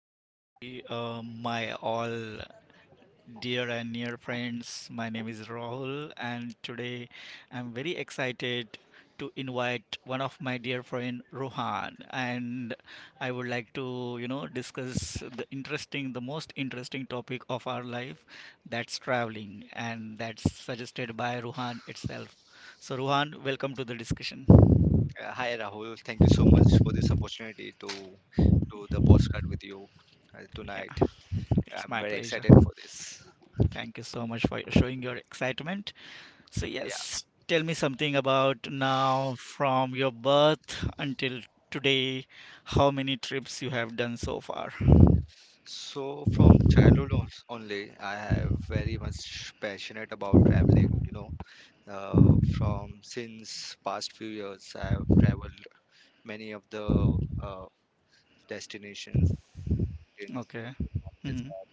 hi, my all dear and near friends. My name is Rahul, and today I'm very excited to invite one of my dear friend Rohan, and I would like to, discuss the most interesting topic of our life, that's traveling, and that's suggested by Rohan itself. So, Rohan, welcome to the discussion. Hi Rahul, thank you so much for this opportunity to do the postcard with you Yeah, tonight. it's I'm my very pleasure. excited for this. Thank you so much for showing your excitement. So, Yeah. yes, tell me something about now from your birth until today, how many trips you have done so far? So from only, I have very much passionate about traveling. From since past few years, I have traveled many of the uh, destinations, mountains, Okay. different mountains, Hmm. I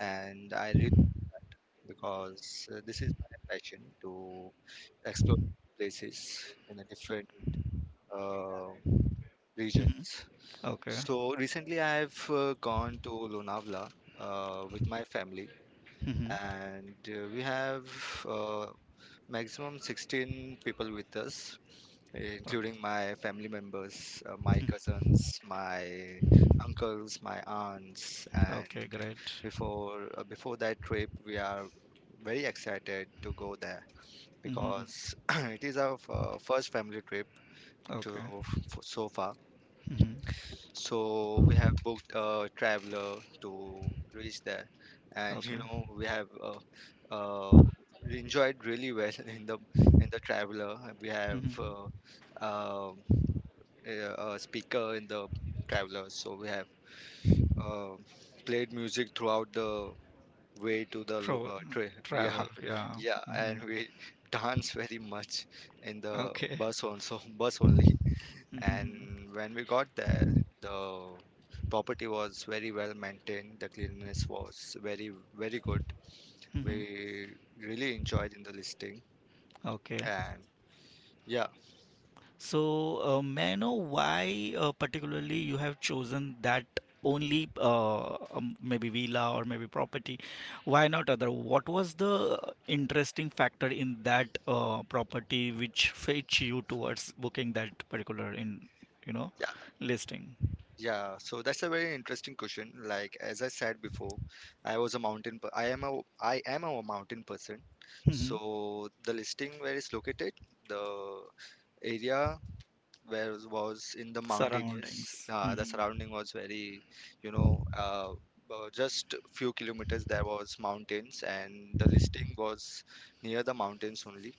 and I really, because this is my passion to explore places in a different uh, Hmm. regions. Okay. So recently, I've gone to Lonavala with my family, Hmm. and we have uh, maximum 16 people with us, Okay. including my family members, my cousins, my uncles, my aunts. Okay, And great. Before that trip, we are very excited to go there Hmm. because it is our first family trip Okay. So far. So we have booked a traveler to reach there, and Okay. Uh, we enjoyed really well in the traveler. We have Hmm. Uh, a speaker in the traveler, so we have uh, played music throughout the way to the Tra- train. Yeah, Travel, yeah. yeah, and Hmm. we dance very much in the Okay. bus also, bus only. Hmm. And when we got there, the property was very well maintained. The cleanliness was very, very good. We Hmm. really enjoyed in the listing. Okay. And yeah, So, may I know why particularly you have chosen that only maybe villa or maybe property? Why not other? What was the interesting factor in that property which fetch you towards booking that particular in you know yeah, listing? yeah. So that's a very interesting question. Like as I said before, I am a mountain person. Hmm. So the listing where it's located, the area where was in the mountainous. Surroundings. The Hmm. surrounding was very, you know, uh, just few kilometers there was mountains, and the listing was near the mountains only.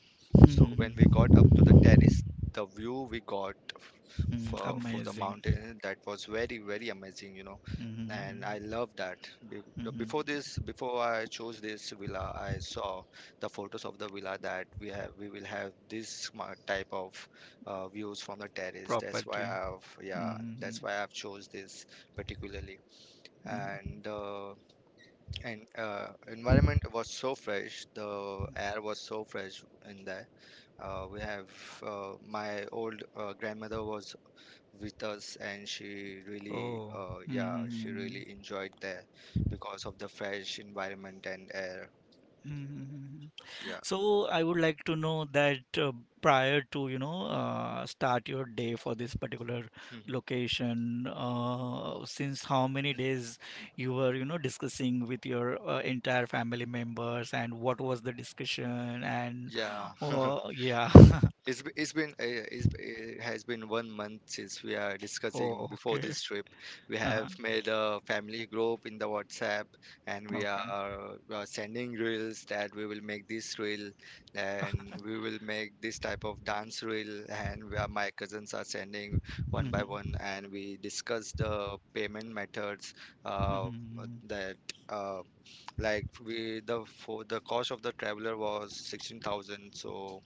So when we got up to Hmm. the terrace, the view we got Hmm. for the Amazing. mountain, that was very very amazing, and I Hmm. love that. Hmm. Before this, before I chose this villa, I saw the photos of the villa that we have. We will have this type of views from the terrace. Property. Hmm. That's why I've chose this particularly. Hmm. And uh, and environment was so fresh. The air was so fresh in there. We have My old grandmother was with us, and Oh, she mm-hmm. really enjoyed there because of the fresh environment and air. Mm-hmm. Yeah. So I would like to know that prior to, start your day for this particular location, since how many days you were, discussing with your entire family members, and what was the discussion, and Yeah. oh yeah. It's, b- it's been it's, b- It has been one month since we are discussing Oh, before okay. this trip. We have Uh-huh. made a family group in the WhatsApp, and we Okay. are, we are sending reels that we will make this reel, and we will make this type of dance reel. My cousins are sending one Mm-hmm. by one, and we discuss the payment methods, uh, Mm-hmm. that uh, like we the for the cost of the traveler was 16,000. So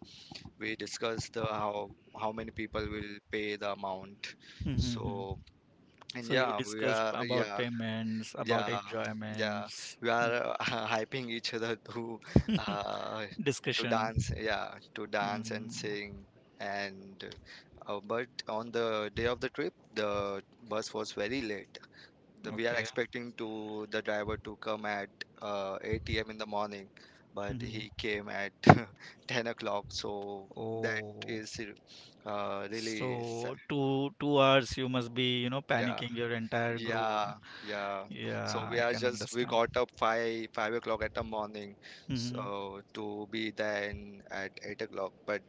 we discussed the how many people will pay the amount. Mm-hmm. so and So you yeah we discussed are about yeah payments, about yeah yeah enjoyments. we Mm-hmm. are hyping each other uh, to Discussion. dance, yeah, to dance and Mm, sing. And But on the day of the trip, the bus was very late we are okay. expecting to the driver to come at 8 a.m. in the morning, but Mhm. he came at 10 o'clock. So that Oh, is really sad. so two hours you must be, you know, Yeah, panicking your entire group. yeah, yeah. So Yeah, we I are can just we understand. got up five o'clock at the morning, Mhm. so to be then at 8 o'clock. But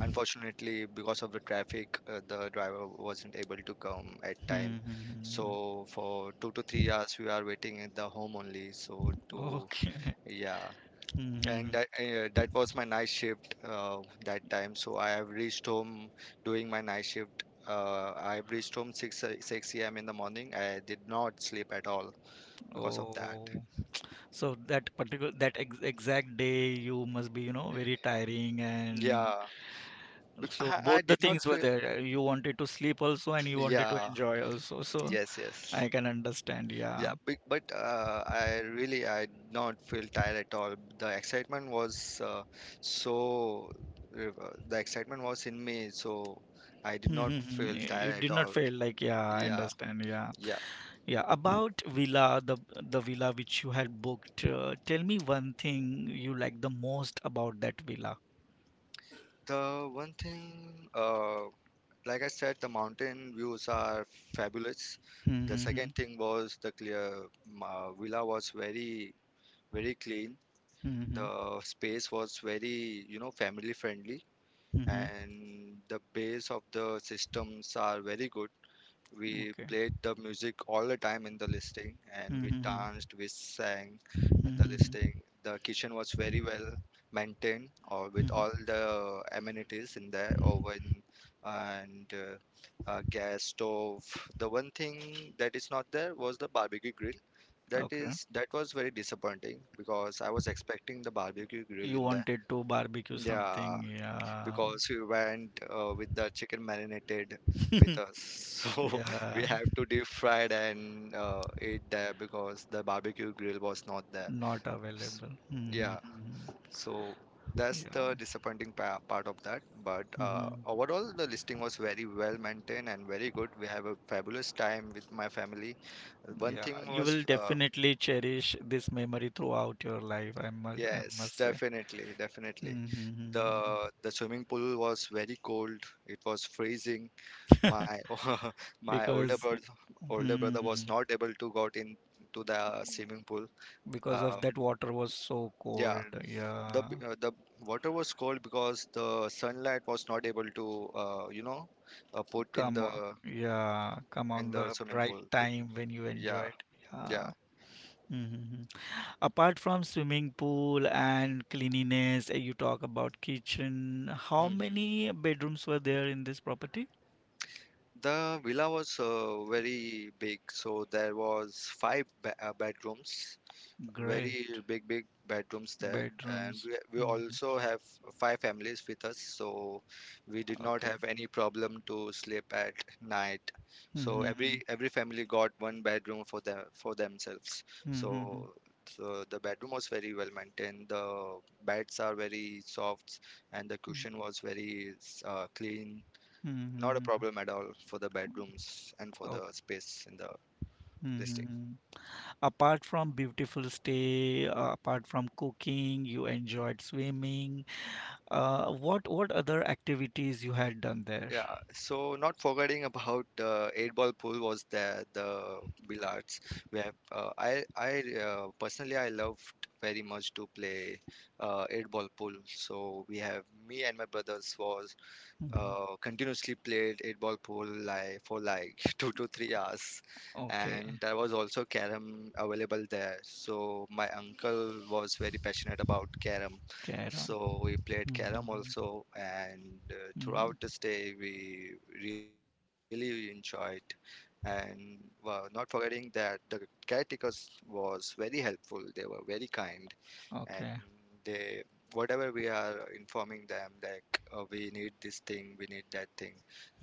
unfortunately, because of the traffic, the driver wasn't able to come at time. Hmm. Hmm, hmm, hmm. So for 2 to 3 hours, we are waiting at the home only. So to Okay. Yeah. And Mhm. That was my night shift that time. So I have reached home doing my night shift. I have reached home 6 a.m. in the morning. I did not sleep at all because of that. Oh, so that particular that ex exact day you must be, you know, very tiring, and Yeah, so I, both I the did not things were feel. there. You wanted to sleep also and you wanted to Yeah, enjoy also. So yes, yes. I can understand. Yeah. Yeah, but, I did not feel tired at all. So uh, the excitement was in me, so I did Hmm, hmm, not hmm. Hmm. feel You tired at did not all. fail, like yeah, I Yeah, understand. Yeah, yeah. yeah. About villa, the villa which you had booked. Tell me one thing you like the most about that villa. The one thing, like I said, the mountain views are fabulous. The Hmm, hmm, second thing was the clear villa was very very clean. hmm, The space was very, family friendly, hmm, hmm, hmm, hmm. and the bass of the systems are very good. We Okay. played the music all the time in the listing, and Hmm, we hmm, hmm, danced, we sang hmm, at the hmm, hmm, listing. The kitchen was very well maintained or with hmm, hmm. all the amenities in there, oven and gas stove. The one thing that is not there was the barbecue grill. Okay. That was very disappointing because I was expecting the barbecue grill You in there. wanted to barbecue something. Yeah, Yeah. because we went with the chicken marinated with us. So we Yeah. have to deep fry it and eat there because the barbecue grill was not there. Not S- available. Hmm, hmm, Yeah, hmm, hmm. so that's Yeah. the disappointing pa part of that. But Hmm, hmm. overall, the listing was very well maintained and very good. We have a fabulous time with my family. One Yeah, thing you was, will definitely cherish this memory throughout your life, I must I yes, must say. definitely, definitely. Mm-hmm. The the swimming pool was very cold. It was freezing. My my older Because brother older hmm brother was not able to got in to the swimming pool. because Um, of that water was so yeah, cold. Yeah. The water was cold because the sunlight was not able to, uh, you know put in Come on. the Yeah, come on the swimming right pool. time when you Yeah, enjoyed. yeah. Yeah. Hmm. Apart from swimming pool and cleanliness, you talk about kitchen. How Mhm. many bedrooms were there in this property? The villa was very big, so there was five bedrooms, very Great. big bedrooms there, and Bedrooms. we Hmm. also have five families with us, so we did not have any problem to sleep at night. So every Mhm, every family got one bedroom for themselves. mhm, mhm, So so the bedroom was very well maintained, the beds are very soft, and the mhm, cushion was very clean. mhm, Not a mhm. problem at all for the bedrooms and for the Okay. space in the listing. Mhm. Apart from beautiful stay, apart from cooking, you enjoyed swimming. What other activities you had done there? Yeah, so not forgetting about, eight ball pool was there, the billiards, where I personally I loved very much to play eight ball pool. So we have me and my brothers was Mhm. Continuously played eight ball pool like for like 2 to 3 hours, Okay, and there was also carom available there. So my uncle was very passionate about carom, carom. so we played carom Mhm, also, and throughout mhm. this day we really enjoyed. And Not forgetting that the caretakers was very helpful; they were very kind. And Okay. they whatever we are informing them, like we need this thing, we need that thing,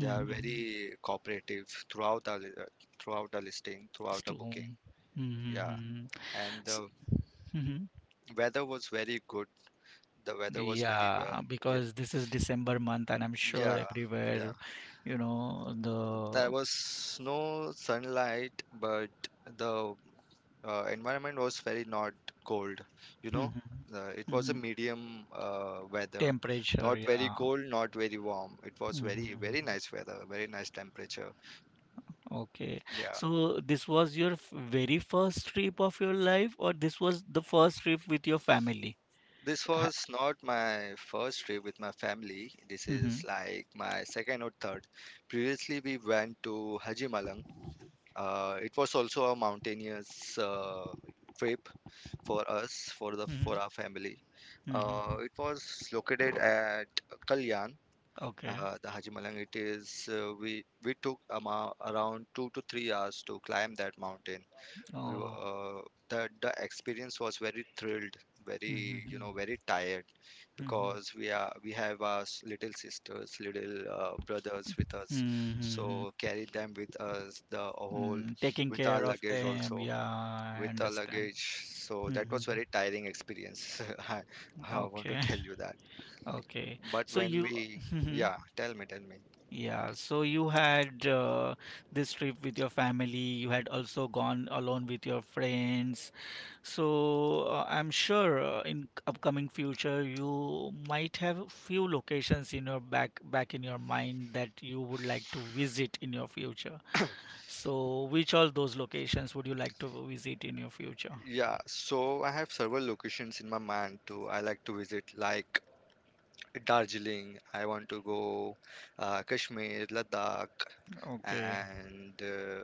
they are very cooperative throughout throughout the listing, throughout the booking. Storm. Yeah. Mhm. And the S- mhm. weather was very good, the weather was very well Yeah, yeah, because this is December month, and I'm sure yeah, yeah. everywhere, There the was no sunlight, but the environment was very not cold. you know Mhm. It was a Mhm. medium weather, Temperature, not very yeah. cold, not very warm, it was very very Mhm. nice weather, very nice temperature. Okay. Yeah. So this was your very first trip of your life, or this was the first trip with your family? This Ha- was not my first trip with my family, this is Mhm. like my second or third. Previously, we went to Hajimalang. It was also a mountainous trip for us, Mhm. for our family. Mhm. It was located at Kalyan. Okay. The Haji Malang, we took ama around 2 to 3 hours to climb that mountain. We were, Oh. uh, the experience was very thrilled, very, Mhm. very tired, Mhm. because we have our little sisters, little brothers with us. Mhm. So carry them with us the whole, Mm, taking with our care of luggage them, also, yeah, I with our understand. luggage. So that Mhm. was very tiring experience. I, I want to Okay. tell you that. Okay. But So when you. we, yeah, tell me, tell me. Yeah, so you had this trip with your family, you had also gone alone with your friends. So I'm sure in upcoming future you might have few locations in your back in your mind that you would like to visit in your future. So which all those locations would you like to visit in your future? Yeah, so I have several locations in my mind too. I like to visit, like, Darjeeling. I want to go Kashmir, Ladakh, Okay. and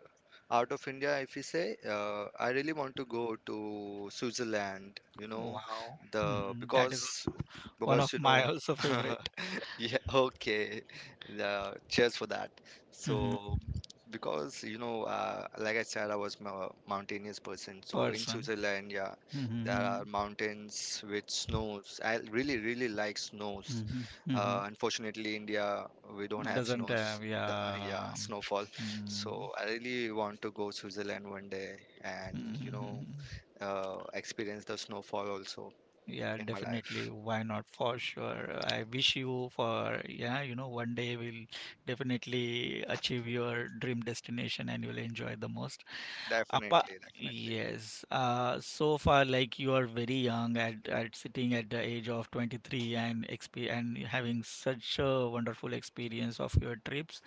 out of India, if you say, I really want to go to Switzerland. You know, Wow. the Hmm. That is also one because of you my know also favorite Yeah, okay. Yeah, cheers for that. mhm, So, because like I said, I was a mountainous person. So in person. Switzerland, yeah, there Hmm. are mountains with snows. I really, really like snows. Hmm. Hmm. Unfortunately, India, we don't have Doesn't snows. have, Yeah, yeah. snowfall. Mm. So I really want to go Switzerland one day, and experience the snowfall also Yeah, in my definitely. life. Why not? For sure. I wish you for, yeah, one day we'll definitely achieve your dream destination and you'll enjoy the most. Appa, Definitely, definitely. yes. So far, like you are very young, at sitting at the age of 23, and exp and having such a wonderful experience of your trips.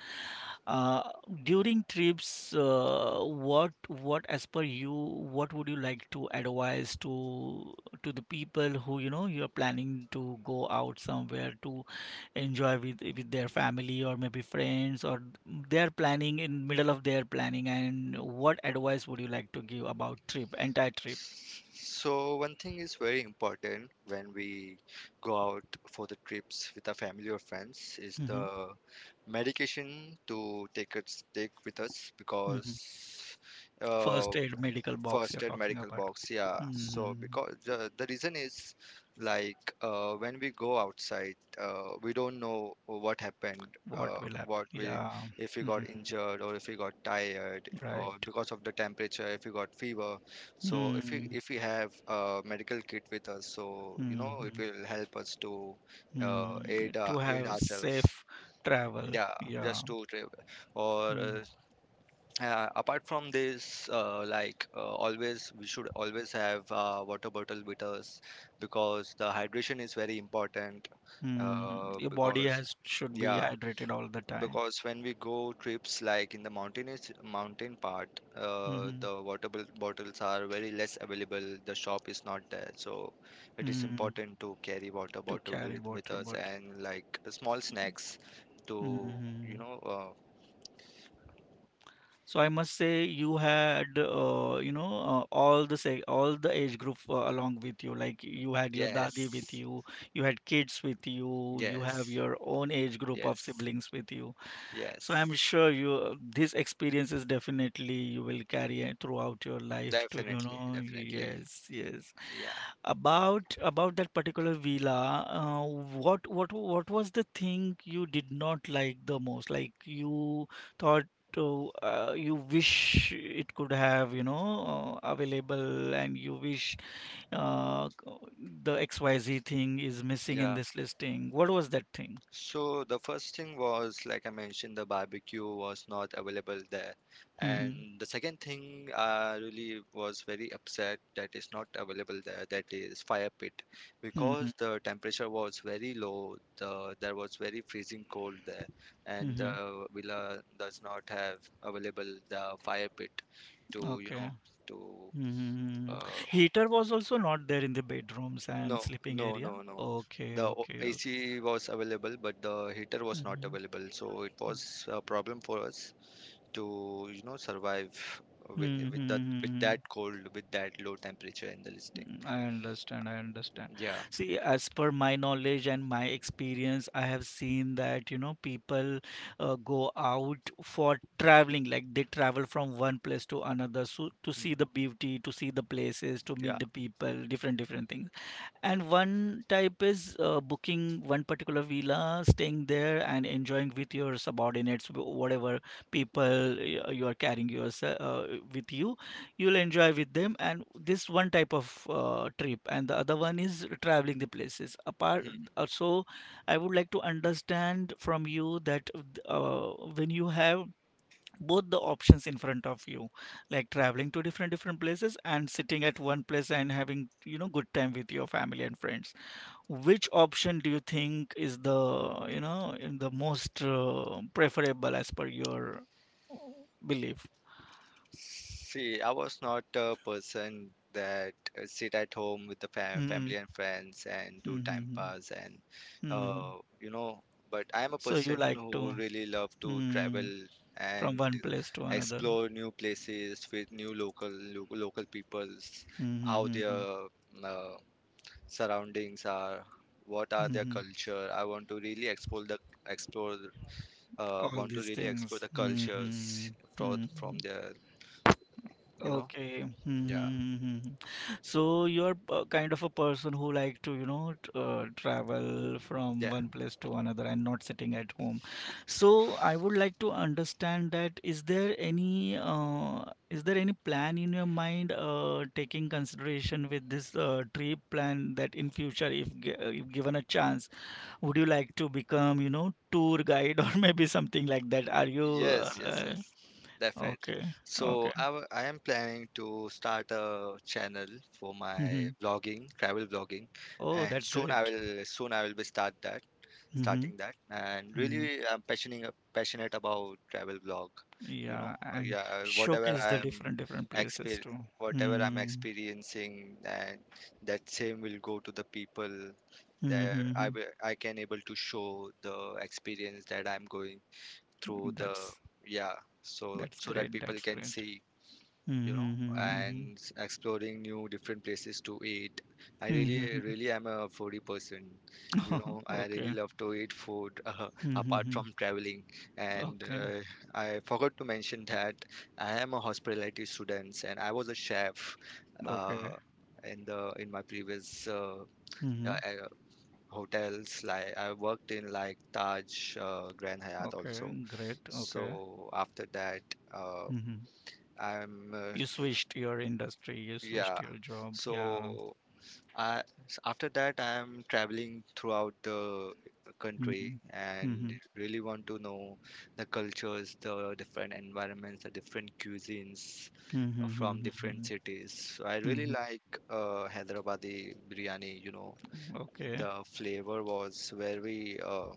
Uh, during trips, what as per you, what would you like to advise to the people who you are planning to go out somewhere to enjoy with their family or maybe friends, or they are planning in middle of their planning, and what advice would you like to give about trip entire trip? So one thing is very important when we go out for the trips with our family or friends is Hmm. the medication to take with us Hmm. because uh, First aid medical box first you're aid talking medical about. box, yeah. So Hmm. because the reason is like when we go outside, we don't know what happened, uh, What will happen, what we yeah. if we Hmm. got injured or if we got tired or Right. because of the temperature if we got fever. So if we Hmm. if we have a medical kit with us, so you know, Hmm. it Hmm. will help us to uh, aid uh, To aid have ourselves. safe travel, Yeah, yeah. just to travel or Mm-hmm. Apart from this, we should always have water bottle with us because the hydration is very important. Mm, your body Because has should be yeah, hydrated all the time. because when we go trips like in the mountain part, Hmm. the water bottles are very less available. The shop is not there, so it is Mm, important to carry water to bottle carry with water us, bottle. and like small snacks to, you Hmm. know. So I must say you had all the se all the age group along with you. Like you had your dadi with Yes, you, you had kids with you, you have yes. your own age group of Yes, siblings with you. So I'm yes, sure you these experiences definitely you will carry it throughout your life too, you definitely, know. definitely. Yes, yes. Yeah, About that particular villa, what was the thing you did not like the most? Like you thought, oh, you wish it could have, available, and you wish uh, the XYZ thing is missing in yeah. this listing. What was that thing? So the first thing was, like I mentioned, the barbecue was not available there. And Mm-hmm. the second thing I really was very upset that it's not available there, that is fire pit. Mm-hmm. Because the temperature was very low, there was very freezing cold there, and Mm-hmm. the villa does not have available the fire pit to, you Okay. know, to Mhm. uh, Heater was also not there in the bedrooms and No, sleeping no, area. no, no. Okay, The okay, okay. AC was available, but the heater was not Mhm. available. So it was a problem for us to, you know, survive with that, with Mhm. that cold, with that low temperature in the listing. I understand, I understand. Yeah, See, as per my knowledge and my experience, I have seen that, people go out for traveling, like they travel from one place to another so to see mhm, the beauty, to see the places, to yeah. meet the people, different, different things. And one type is booking one particular villa, staying there, and enjoying with your subordinates, whatever people you are carrying yourself with you. You'll enjoy with them, and this one type of trip. And the other one is traveling the places. Apart, so I would like to understand from you that uh, when you have both the options in front of you, like traveling to different different places and sitting at one place and having good time with your family and friends, which option do you think is the in the most preferable as per your belief? See, I was not a person that sit at home with the fa Hmm. family and friends and do time Hmm. pass and Hmm. uh, you know, but I am a So you person like to, who really love to hmm, travel from and one place to another. explore new places with new local peoples, how Mm-hmm. their Mm-hmm. uh, surroundings are, what are their Mm-hmm. culture. I want to really explore the explore All want to these really explore things. the Mm-hmm. cultures from Mm-hmm. their, you know. Okay. Yeah. Hmm. So you're kind of a person who like to, travel from Yeah. one place to another and not sitting at home. So I would like to understand that is there any plan in your mind taking consideration with this trip plan that in future if, if given a chance, would you like to become, tour guide or maybe something like that? Are you Yes, yes, yes. Definitely. okay? So Okay. I am planning to start a channel for my vlogging, travel vlogging, Oh, and that's soon I great. will soon I will be start that Hmm. starting that. And Hmm. really, I'm passionate about travel vlog. You know, Yeah, and yeah, whatever showcase the I'm different different places exper too. whatever I'm Hmm. experiencing, and that same will go to the people. There, Hmm. I can able to show the experience that I'm going through the, That's yeah, so that's so that great. people That's can great. see, you know. Hmm. And exploring new different places to eat, I really Hmm. really am a foodie person, you know. I really Okay, love to eat food. Apart hmm, from traveling, and okay, I forgot to mention that I am a hospitality student and I was a chef, uh, okay, in the in my previous hmm, uh, hotels. Like I worked in like Taj, Grand Hyatt also. okay. Great. Okay. So after that, uh, Hmm. I'm You switched your industry. You yeah. switched your job. Yeah. So I after that I'm traveling throughout the country Mhm, and mhm, really want to know the cultures, the different environments, the different cuisines, mhm, from mhm, different mhm, cities. So I really mhm. like Hyderabadi biryani, you know. Okay. The flavor was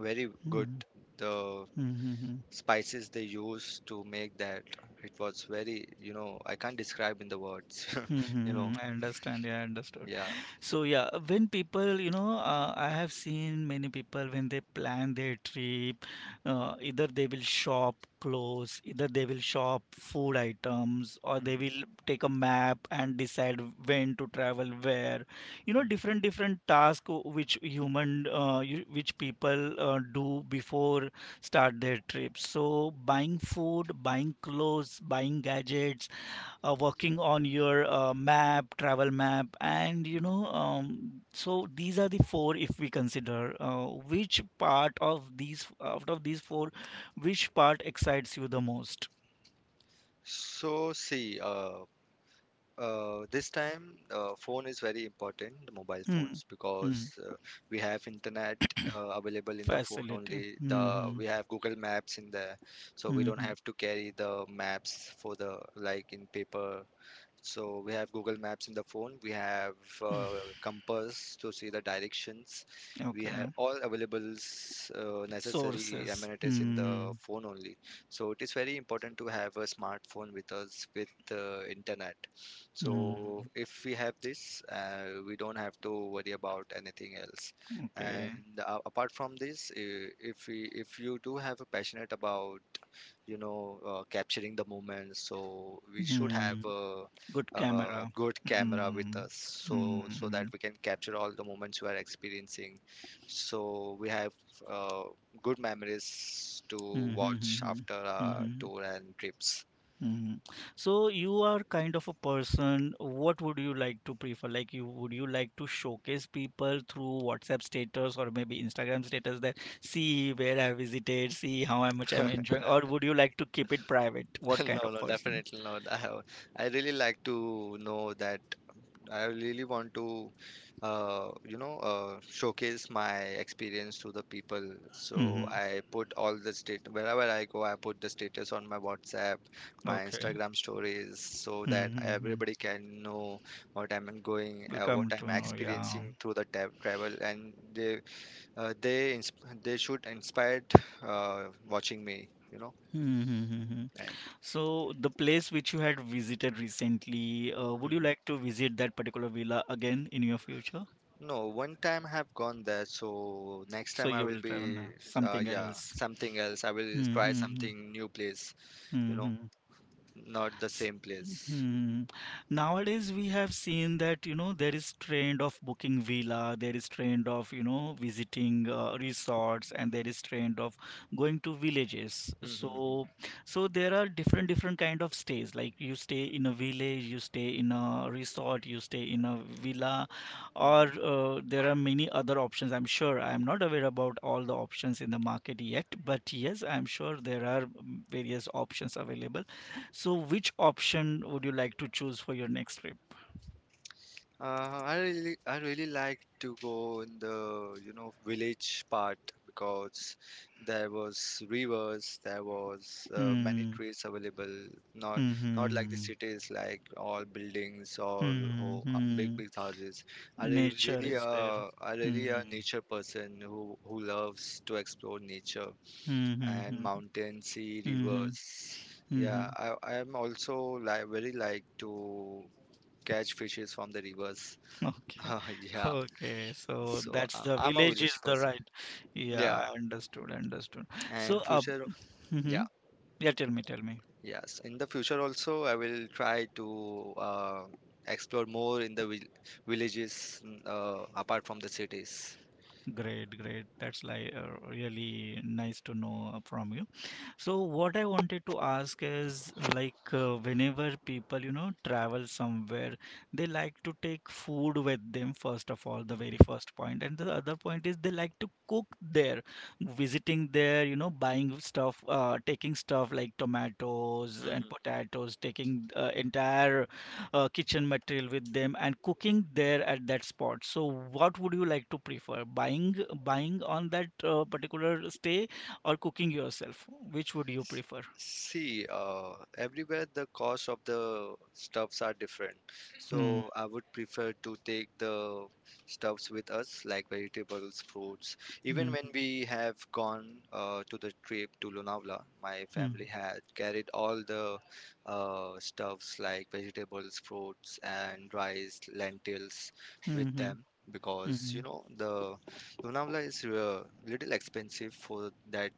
very good, Mhm, the mhm, mhm. spices they used to make that. It was very, you know, I can't describe in the words, you Mm-hmm. know. I understand. Yeah, I understood. Yeah. So yeah, when people, I have seen many people when they plan their trip, either they will shop clothes, either they will shop food items, or they Mhm, will take a map and decide when to travel where. You know, mhm, different different tasks which human, which people do before start their trip. So buying food, buying clothes, buying gadgets, working on your map, travel map, and mhm. So these are the four. If we consider which part of these, out of these four, which part excites you the most? So see, this time phone is very important, the mobile Hmm. phones, Hmm. because we have internet available in the phone Facility. only. Hmm. The Hmm. We have Google Maps in there, so we Hmm. don't Hmm. have to carry the maps for the, like, in paper. So we have Google Maps in the phone, we have compass to see the directions, we have Okay. all available necessary Sources. amenities in the Hmm. phone only. So it is very important to have a smartphone with us with internet. Hmm. So if we have this, we don't have to worry about anything else. And Okay. Apart from this, if we if you do have a passionate about, you know, capturing the moment, so we should have Hmm. Good a camera. good Hmm. camera with Hmm. us, Hmm. so Hmm. so that Hmm. we can capture all the moments we are experiencing, so we have uh, good memories to Hmm. Hmm. watch Hmm, after hmm, our hmm. tour and trips. Mhm. So you are kind of a person, what would you like to prefer? Like you like to showcase people through WhatsApp status or maybe Instagram status that see where I visited, see how much I'm enjoying, or would you like to keep it private? What kind no, of no, person? definitely not. I have, I really like to know that. I really want to, showcase my experience to the people. So Hmm. I put all the state wherever I go. I put the status on my WhatsApp, my Okay. Instagram stories, so that Mm-hmm. everybody can know what I'm going, Will what come I'm to know, yeah. experiencing through the travel, and they, they should inspired, watching me, you know, Mm-hmm. and. So the place which you had visited recently, would you Mhm. like to visit that particular villa again in your future? No, one time I have gone there, so next So time I you will will travel be, now, something yeah, else. something else. I will Hmm. try Hmm. something new place, you Hmm. know, Hmm. not the S- same place. Hmm. Nowadays we have seen that there is trend of booking villa, there is trend of visiting resorts, and there is trend of going to villages. Mm-hmm. So, there are different different kind of stays. Like you stay in a village, you stay in a resort, you stay in a villa, or there are many other options. I'm sure I am not aware about all the options in the market yet, but yes, I'm sure there are various options available. So, which option would you like to choose for your next trip? I really like to go in the, you know, village part, because there was rivers, there was many Hmm. trees available. Not, Hmm. not like the Hmm. cities, like all buildings, all Hmm. ho big, Hmm. big houses. Nature is there. I really a Hmm. nature person who loves to explore nature Hmm. Hmm. and Hmm. mountain, sea, Hmm. rivers. Hmm. Hmm. Yeah, I am also like very like to catch fishes from the rivers. Okay. Yeah, Okay. So so that's the I'm a village is village the person. right. Yeah, Yeah, I understood. Understood. and So, uh, future, hmm hmm. yeah, Yeah, tell me, tell me. yes. In the future also, I will try to explore more in the villages, mm, apart from the cities. Great, great. That's like really nice to know from you. So what I wanted to ask is like whenever people, you know, travel somewhere, they like to take food with them first of all, the very Mhm. first point. And the other point is they like to cook there, visiting there, you know, buying stuff, taking stuff like tomatoes and Mhm. potatoes, taking entire kitchen material with them and cooking there at that spot. So what would you like to prefer? Buying on that particular stay or cooking yourself? Which would you S- prefer? See, everywhere the cost of the stuffs are different. Hmm, So I would prefer to take the stuffs with us, like vegetables, fruits. Even hmm, when we have gone to the trip to Lonavala, my hmm, family had carried all the stuffs like vegetables, fruits, and rice, lentils with hmm, hmm, them. Because hmm, you know the Lonavala is little expensive for that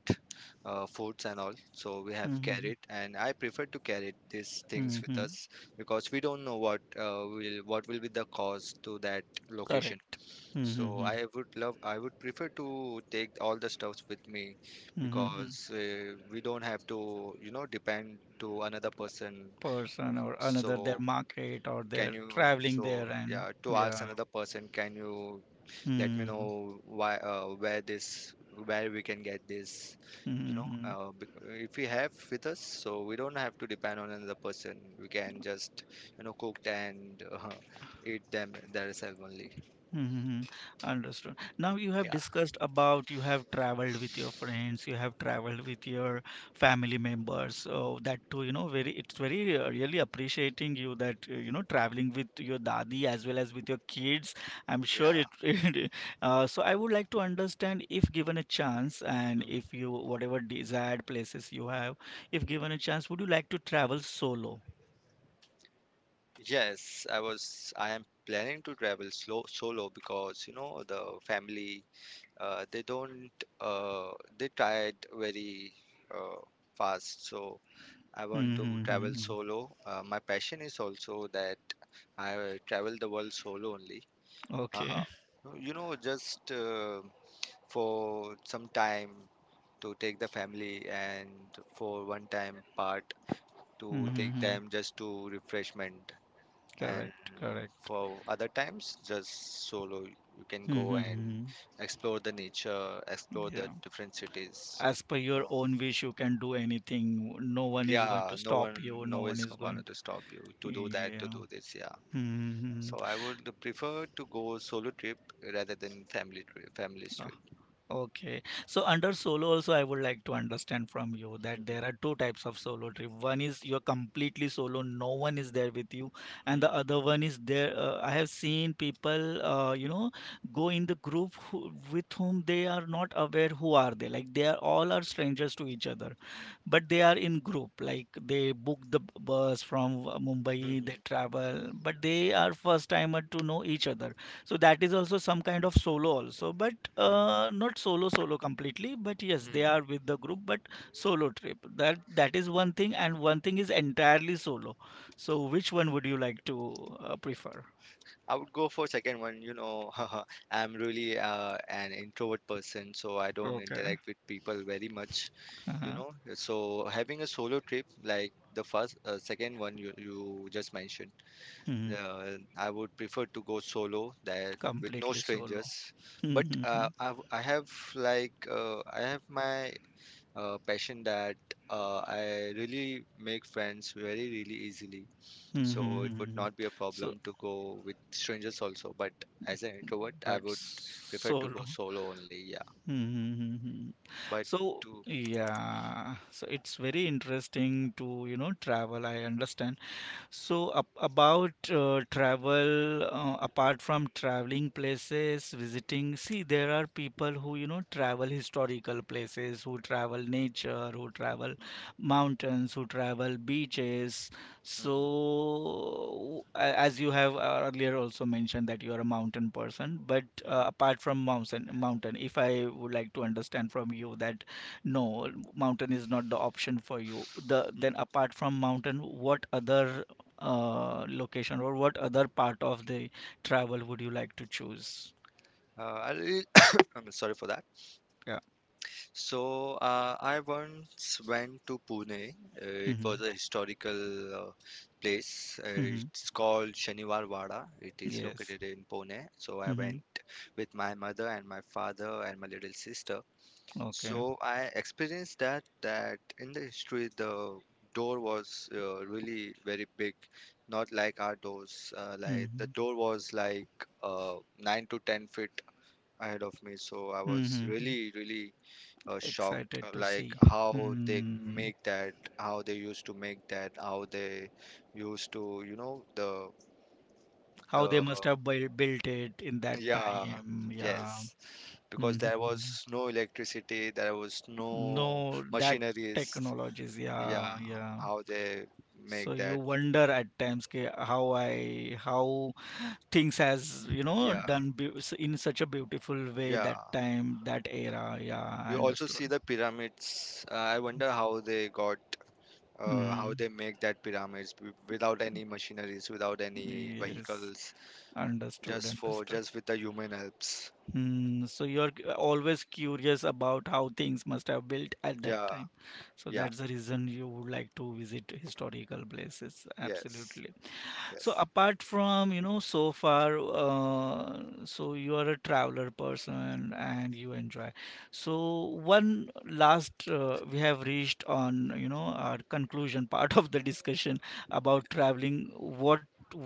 foods and all. So we have hmm, hmm, carried, and I prefer to carry these things hmm, with hmm. us because we don't know what will what will be the cost to that location. Correct. Hmm, hmm, So hmm, I would love, I would prefer to take all the stuffs with me hmm, hmm, hmm. because we don't have to, you know, depend to another person. Person or another, their So market or can they're you, traveling so there and yeah, to ask yeah. another person, can you let me Hmm, know why where this where we can get this, you hmm, know, hmm. If we have with us, so we don't have to depend on another person. We can just, you know, cooked and eat them themselves only. Mm-hmm. Understood. Now you have Yeah, discussed about you have traveled with your friends, you have traveled with your family members. So that too, you know, very it's very really appreciating you that you know traveling with your dadi as well as with your kids. I'm sure yeah. it. It so I would like to understand if given a chance and Mhm. if you whatever desired places you have, if given a chance, would you like to travel solo? Yes, I am planning to travel slow solo, because you know the family, they don't, uh, they tried very uh, fast. So I want to Mm-hmm. travel Mm-hmm. solo. My passion is also that I travel the world solo only. Okay. Uh, you know, just for some time to take the family and for one time part Mm-hmm. to take Mm-hmm. them just to refreshment, and Correct. Correct. for other times just solo you can go and Mm-hmm. explore the nature, explore the Yeah. different cities. As per your own wish, you can do anything. No one is going Yeah, to no stop one, you. No no one is is gonna going to stop you to. to do that, to Yeah. do this. Yeah. Hmm. So I would prefer to go solo trip rather than family Ah, trip. okay. So under solo also, I would like to understand from you that Mhm, there are two types of solo trip. One is you're completely solo, no one is there with you, and the other one is there. I have seen people, you know, go in the group who, with whom they are not aware who are they. Like they are all are strangers to each other. But they are in group like they book the bus from Mumbai, they mhm, travel but they are first timer to know each other. So that is also some kind of solo also but mhm, not solo solo completely but yes they mhm. are with the group but solo trip, that that is one thing and one thing is entirely solo. So which one would you like to prefer? I would go for second one. You know, I'm really an introvert person, so I don't Okay. interact with people very much. You Uh-huh. know, so having a solo trip like the first, second one you you just mentioned. Mhm. I would prefer to go solo, that with no Completely solo. strangers. But Mhm. I have like I have my passion that I really make friends very really easily. So it would Mhm. not be a so problem to go with strangers also. But as an introvert, I but would prefer to go solo. solo only. Yeah. Mm-hmm. But So, to yeah, so it's very interesting to, you know, travel. I understand. So, about travel, apart from traveling places, visiting, see, there are people who, you know, travel historical places, who travel nature, who travel mountains, who travel beaches. mhm, So, as you have earlier also mentioned that you are a mountain person, but mhm, mhm, apart from mountain, if I would like to understand from you that no, mountain is not the option for you. The then mhm. apart from mountain, what other location or what other part of the travel would you like to choose? I really, I'm sorry for that. Yeah. So, I once went to Pune. It Mm-hmm. was a historical place. Mm-hmm. It's called Shaniwar Wada. It is Yes. located in Pune. So, I Mm-hmm. went with my mother and my father and my little sister. Okay. So, I experienced that in the history the door was really very big, not like our doors. Like the Mm-hmm. door was like 9 to 10 feet ahead of me. So, I was Mm-hmm. really, really shocked, Excited to like see. how they Hmm. make that, how they used to make that, how they used to, you know, How they the must have built it in that yeah, time. Yeah. yes. Because there Mm-hmm. was no electricity, there was no No, that machineries. technologies. Yeah, Yeah. Yeah. how they make So you that. wonder at times, okay, how I how things has you know Yeah, done in such a beautiful way yeah. that time that era. Yeah, You I also see understood. the pyramids. I wonder how they got, how mm, they make that pyramids without any machineries, without any yes, vehicles, understood, just for understood. just with the human helps. So you're always curious about how things must have built at that Yeah, time. So yeah, that's the reason you would like to visit historical places, yes, absolutely. So yes. apart from, you know, so far, so you are a traveler person and you enjoy. So one last, we have reached on, you know, our conclusion part of the discussion about traveling. What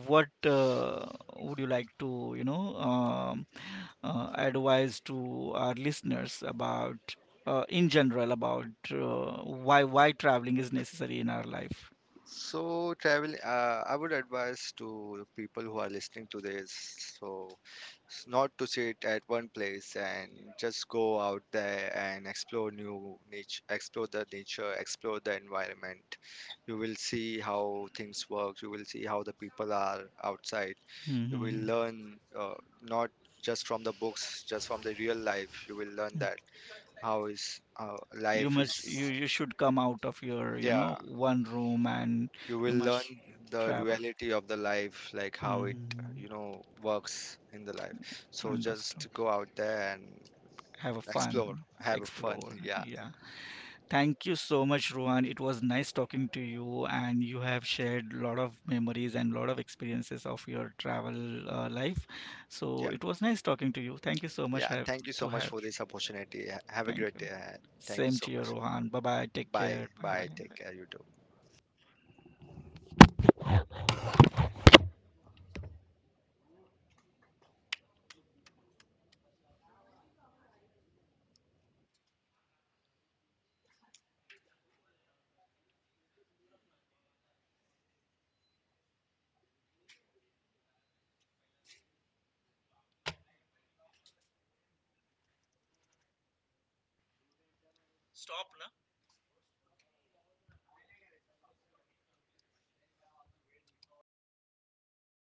what uh, would you like to, you know, advise to our listeners about, in general, about why traveling is necessary in our life? So travel, I would advise to people who are listening to this, so not to sit at one place and just go out there and explore the nature, explore the environment. You will see how things work, you will see how the people are outside, Hmm. you Hmm, will hmm, hmm. learn not just from the books, just from the real life. You will learn that how is how You life is. must, you should come out of your you know Yeah, one room and you will you must learn the travel. reality of the life, like how it, Hmm, you know, works in the life. So just understood. go out there and Have a explore, fun, have a fun. explore, yeah, yeah. Thank you so much, Rohan. It was nice talking to you and you have shared lot of memories and lot of experiences of your travel life. So yeah, it was nice talking to you. Thank you so much. yeah. Have Thank you so to much have for this opportunity. Have a thank great day you. ahead. Thank you Same so to you, much. Rohan. Bye bye, take Bye care, bye bye. bye, take care, you too. Stop.